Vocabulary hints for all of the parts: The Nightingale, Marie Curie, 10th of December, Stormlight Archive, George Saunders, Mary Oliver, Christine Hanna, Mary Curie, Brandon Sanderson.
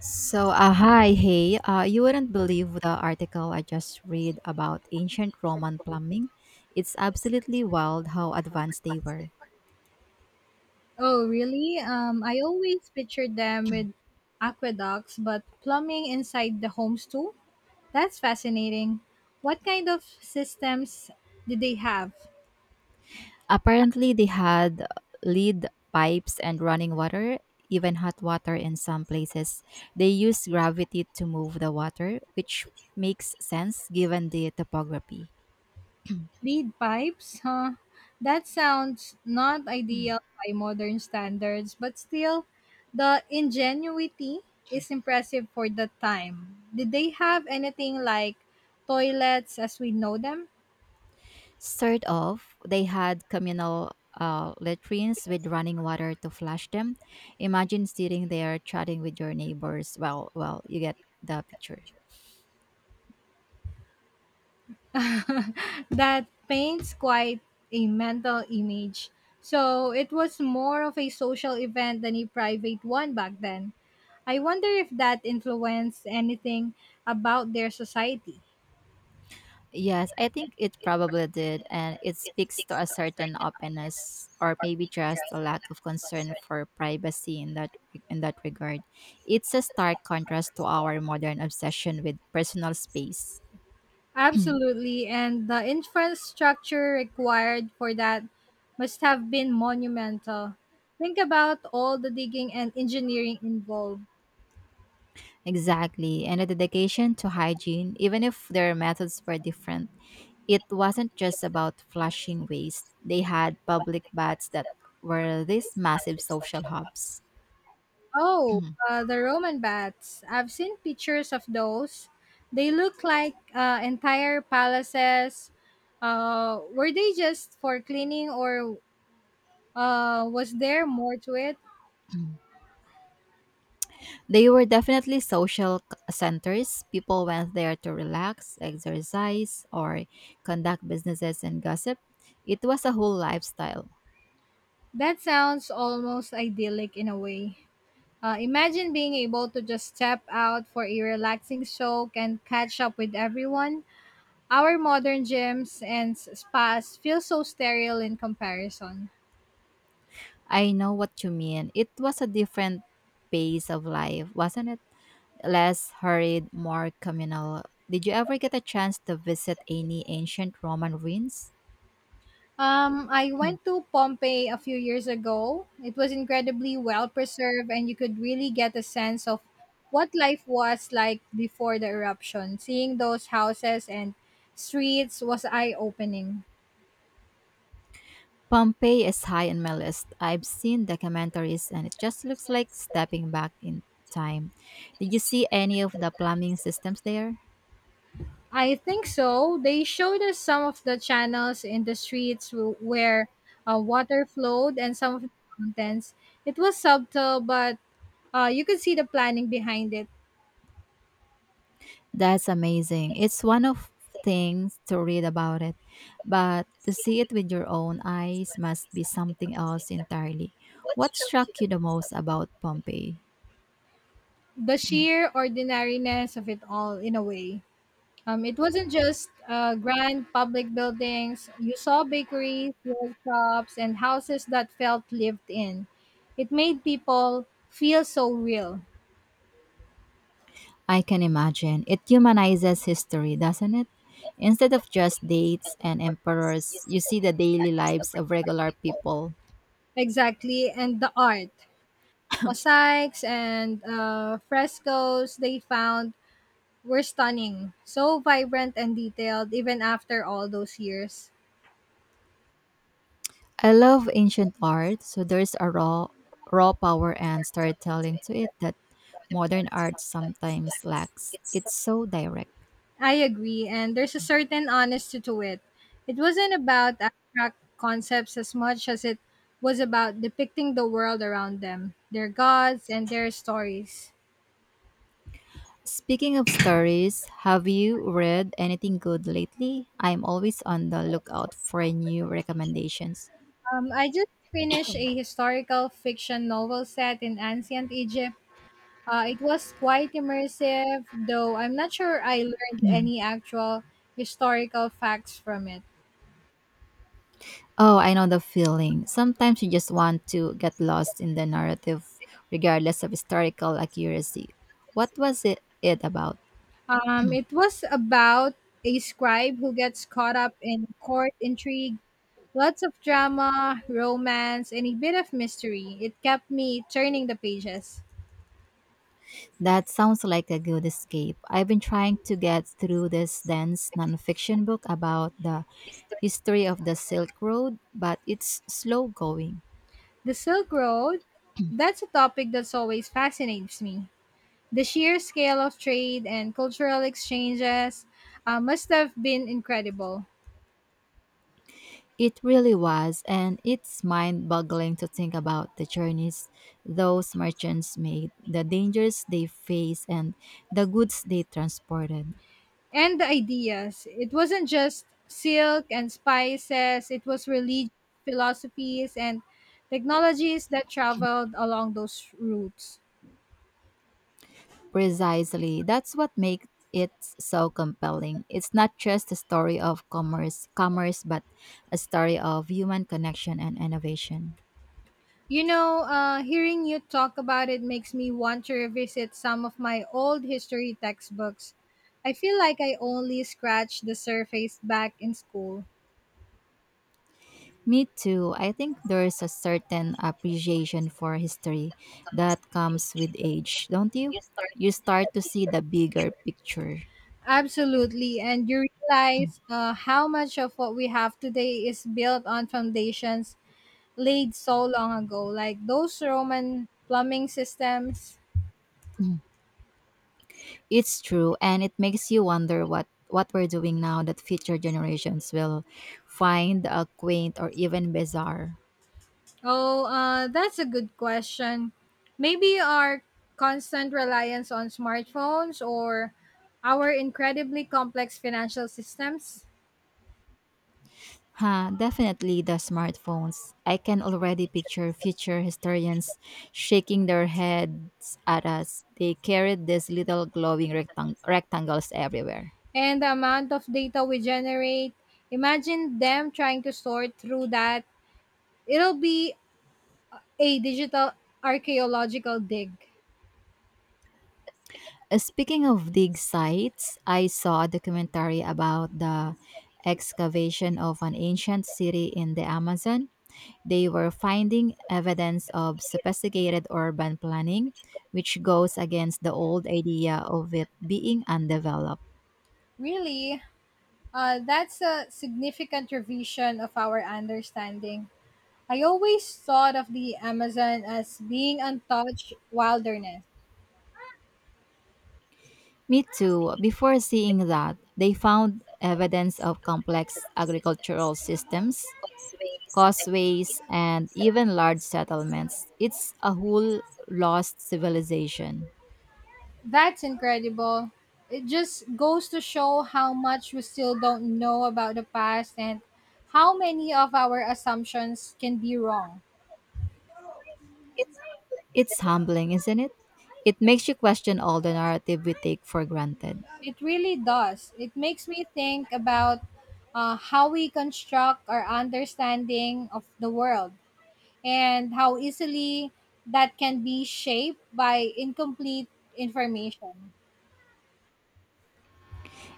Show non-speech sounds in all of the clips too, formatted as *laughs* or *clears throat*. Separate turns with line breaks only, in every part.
Hi, you wouldn't believe the article I just read about ancient Roman plumbing. It's absolutely wild how advanced they were.
Oh, really? I always pictured them with aqueducts, but plumbing inside the homes too? That's fascinating. What kind of systems did they have?
Apparently, they had lead pipes and running water, even hot water in some places. They used gravity to move the water, which makes sense given the topography.
Lead pipes? Huh? That sounds not
Hmm.
ideal by modern standards, but still, the ingenuity is impressive for the time. Did they have anything like toilets as we know them?
Sort of. They had communal latrines with running water to flush them. Imagine sitting there chatting with your neighbors. You get the picture.
*laughs* That paints quite a mental image. So it was more of a social event than a private one back then. I wonder if that influenced anything about their society.
Yes, I think it probably did, and it speaks to a certain openness, or maybe just a lack of concern for privacy in that regard. It's a stark contrast to our modern obsession with personal space. *clears throat*
Absolutely, and the infrastructure required for that must have been monumental. Think about all the digging and engineering involved.
Exactly, and a dedication to hygiene, even if their methods were different. It wasn't just about flushing waste, they had public baths that were these massive social hubs.
Oh,
*clears throat*
the Roman baths. I've seen pictures of those. They look like entire palaces. Were they just for cleaning, or was there more to it?
They were definitely centers. People went there to relax, exercise, or conduct businesses and gossip. It was a whole lifestyle.
That sounds almost idyllic in a way. Imagine being able to just step out for a relaxing soak and catch up with everyone. Our modern gyms and spas feel so sterile in comparison.
I know what you mean. It was a different pace of life, wasn't it? Less hurried, more communal. Did you ever get a chance to visit any ancient Roman ruins?
I went to Pompeii a few years ago. It was incredibly well preserved, and you could really get a sense of what life was like before the eruption. Seeing those houses and streets was eye opening.
Pompeii is high on my list. I've seen documentaries and it just looks like stepping back in time. Did you see any of the plumbing systems there?
I think so. They showed us some of the channels in the streets where water flowed and some of the contents. It was subtle, but you could see the planning behind it,
That's amazing. It's one of things to read about it, but to see it with your own eyes must be something else entirely. What struck you the most about Pompeii?
the sheer ordinariness of it all, in a way. It wasn't just grand public buildings. You saw bakeries, workshops, and houses that felt lived in. It made people feel so real.
I can imagine. It humanizes history, doesn't it? Instead of just dates and emperors, you see the daily lives of regular people.
Exactly. And the art, mosaics and frescoes they found were stunning. So vibrant and detailed, even after all those years.
I love ancient art, so there's a raw power and storytelling to it that modern art sometimes lacks. It's so direct.
I agree, and there's a certain honesty to it. It wasn't about abstract concepts as much as it was about depicting the world around them, their gods, and their stories.
Speaking of stories, have you read anything good lately? I'm always on the lookout for new recommendations.
I just finished a historical fiction novel set in ancient Egypt. It was quite immersive, though I'm not sure I learned any actual historical facts from it.
Oh, I know the feeling. Sometimes you just want to get lost in the narrative, regardless of historical accuracy. What was it about?
It was about a scribe who gets caught up in court intrigue. Lots of drama, romance, and a bit of mystery. It kept me turning the pages.
That sounds like a good escape. I've been trying to get through this dense nonfiction book about the history of the Silk Road, but it's slow going.
The Silk Road, that's a topic that's always fascinates me. The sheer scale of trade and cultural exchanges must have been incredible.
It really was, and it's mind boggling to think about the journeys those merchants made, the dangers they faced, and the goods they transported.
And the ideas. It wasn't just silk and spices, it was religious philosophies and technologies that traveled along those routes.
Precisely. That's what makes it so compelling. It's not just a story of commerce, but a story of human connection and innovation.
You know, hearing you talk about it makes me want to revisit some of my old history textbooks. I feel like I only scratched the surface back in school.
Me too. I think there's a certain appreciation for history that comes with age, don't you? You start to see the bigger picture. *clears throat*
Absolutely. And you realize how much of what we have today is built on foundations laid so long ago, like those Roman plumbing systems.
Mm. It's true, and it makes you wonder what we're doing now that future generations will find quaint or even bizarre.
Oh, that's a good question. Maybe our constant reliance on smartphones or our incredibly complex financial systems
Huh, definitely the smartphones. I can already picture future historians shaking their heads at us. They carried these little glowing rectangles everywhere.
and the amount of data we generate. Imagine them trying to sort through that. It'll be a digital archaeological dig.
Speaking of dig sites, I saw a documentary about the excavation of an ancient city in the Amazon. They were finding evidence of sophisticated urban planning, which goes against the old idea of it being undeveloped.
Really, that's a significant revision of our understanding. I always thought of the Amazon as being untouched wilderness.
Me too. Before seeing that, they found evidence of complex agricultural systems, causeways, and even large settlements. It's a whole lost civilization.
That's incredible. It just goes to show how much we still don't know about the past and how many of our assumptions can be wrong.
It's humbling, isn't it? It makes you question all the narrative we take for granted.
It really does. It makes me think about how we construct our understanding of the world and how easily that can be shaped by incomplete information.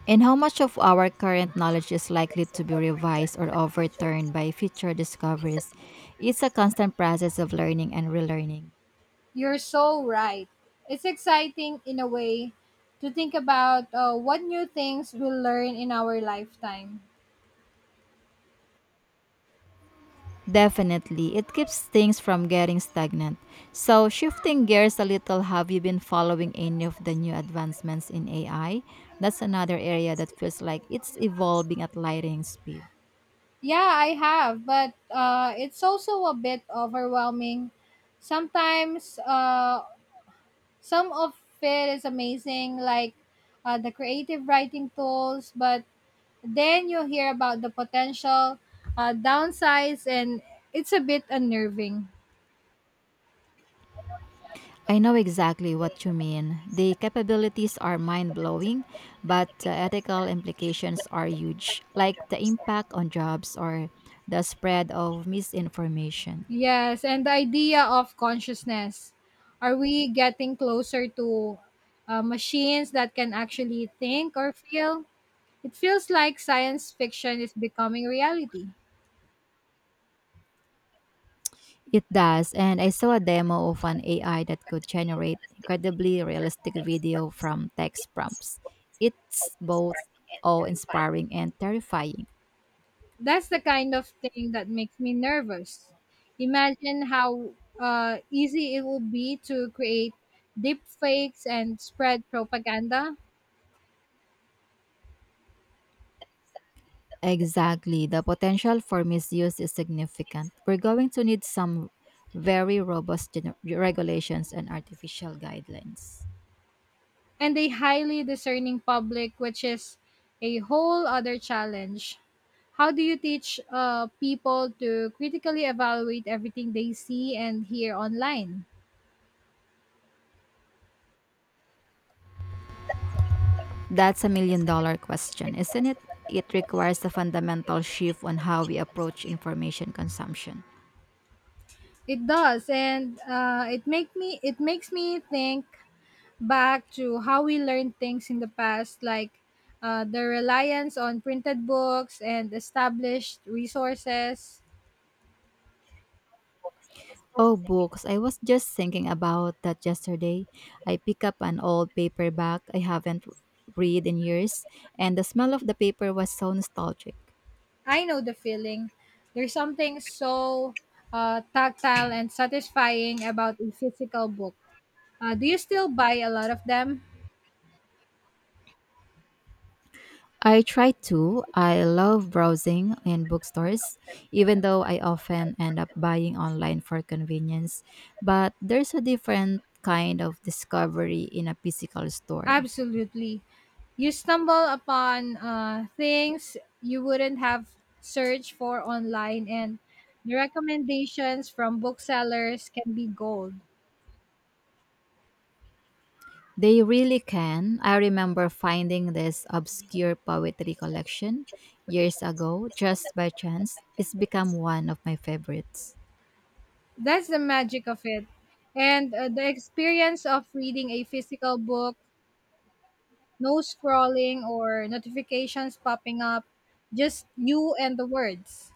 And how much of our current knowledge is likely to be revised or overturned by future discoveries? It's a constant process of learning and relearning.
You're so right. It's exciting in a way to think about what new things we'll learn in our lifetime.
Definitely, it keeps things from getting stagnant. So, shifting gears a little, have you been following any of the new advancements in AI? That's another area that feels like it's evolving at lightning speed.
Yeah, I have, but it's also a bit overwhelming. Sometimes some of it is amazing, like the creative writing tools, but then you hear about the potential downsides, and it's a bit unnerving.
I know exactly what you mean. The capabilities are mind blowing, but the ethical implications are huge, like the impact on jobs or the spread of misinformation.
Yes, and the idea of consciousness. Are we getting closer to machines that can actually think or feel? It feels like science fiction is becoming reality.
It does, and I saw a demo of an AI that could generate incredibly realistic video from text prompts. It's both awe inspiring and terrifying.
That's the kind of thing that makes me nervous. Imagine how easy it would be to create deep fakes and spread propaganda.
Exactly, the potential for misuse is significant. We're going to need some very robust regulations and artificial guidelines.
And a highly discerning public, which is a whole other challenge. How do you teach people to critically evaluate everything they see and hear online?
That's a million dollar question, isn't it? It requires a fundamental shift on how we approach information consumption.
It does, and it make me it makes me think back to how we learned things in the past, like the reliance on printed books and established resources.
Oh, books. I was just thinking about that yesterday. I picked up an old paperback I haven't read in years, and the smell of the paper was so nostalgic.
I know the feeling. There's something so tactile and satisfying about a physical book. Do you still buy a lot of them?
I try to. I love browsing in bookstores, even though I often end up buying online for convenience. But there's a different kind of discovery in a physical store.
Absolutely. You stumble upon things you wouldn't have searched for online, and the recommendations from booksellers can be gold.
They really can. I remember finding this obscure poetry collection years ago just by chance. It's become one of my favorites.
That's the magic of it. And the experience of reading a physical book. No scrolling or notifications popping up, just you and the words.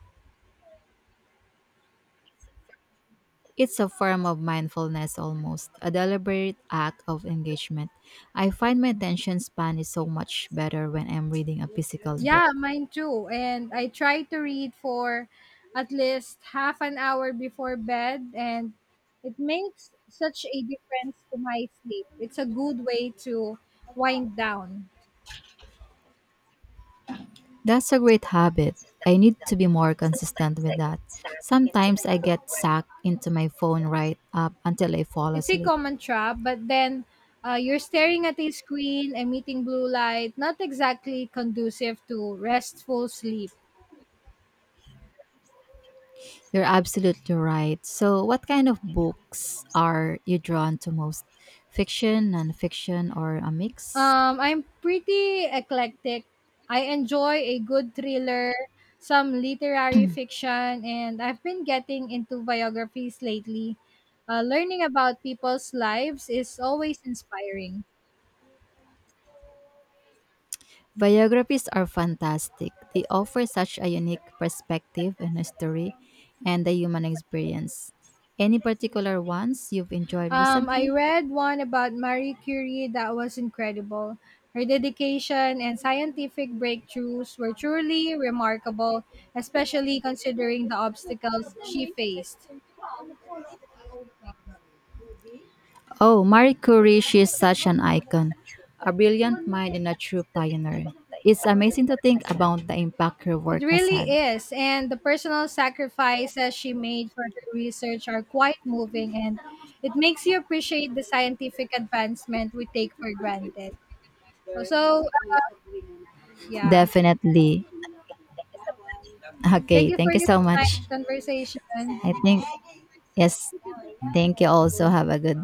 It's a form of mindfulness almost, a deliberate act of engagement. I find my attention span is so much better when I'm reading a physical book.
Yeah, mine too. And I try to read for at least half an hour before bed, and it makes such a difference to my sleep. It's a good way to wind down.
That's a great habit. I need to be more consistent with that. Sometimes I get sucked into my phone right up until I fall
It's a
asleep.
common trap, but then you're staring at a screen, emitting blue light, not exactly conducive to restful sleep.
You're absolutely right. So, what kind of books are you drawn to most? Fiction, or a mix?
I'm pretty eclectic. I enjoy a good thriller, some literary fiction, and I've been getting into biographies lately. Learning about people's lives is always inspiring.
Biographies are fantastic. They offer such a unique perspective and history and the human experience. Any particular ones you've enjoyed
I
recently?
read one about Marie Curie that was incredible. Her dedication and scientific breakthroughs were truly remarkable, especially considering the obstacles she faced.
Oh, Marie Curie, she is such an icon, a brilliant mind and a true pioneer. It's amazing to think about the impact her
It
work has
really
had.
is. And the personal sacrifices she made for her research are quite moving and it makes you appreciate the scientific advancement we take for granted. So, yeah.
Definitely. Okay,
Thank you for
thank you
your
so much.
nice conversation.
I think yes. Thank you also.
So,
Have a good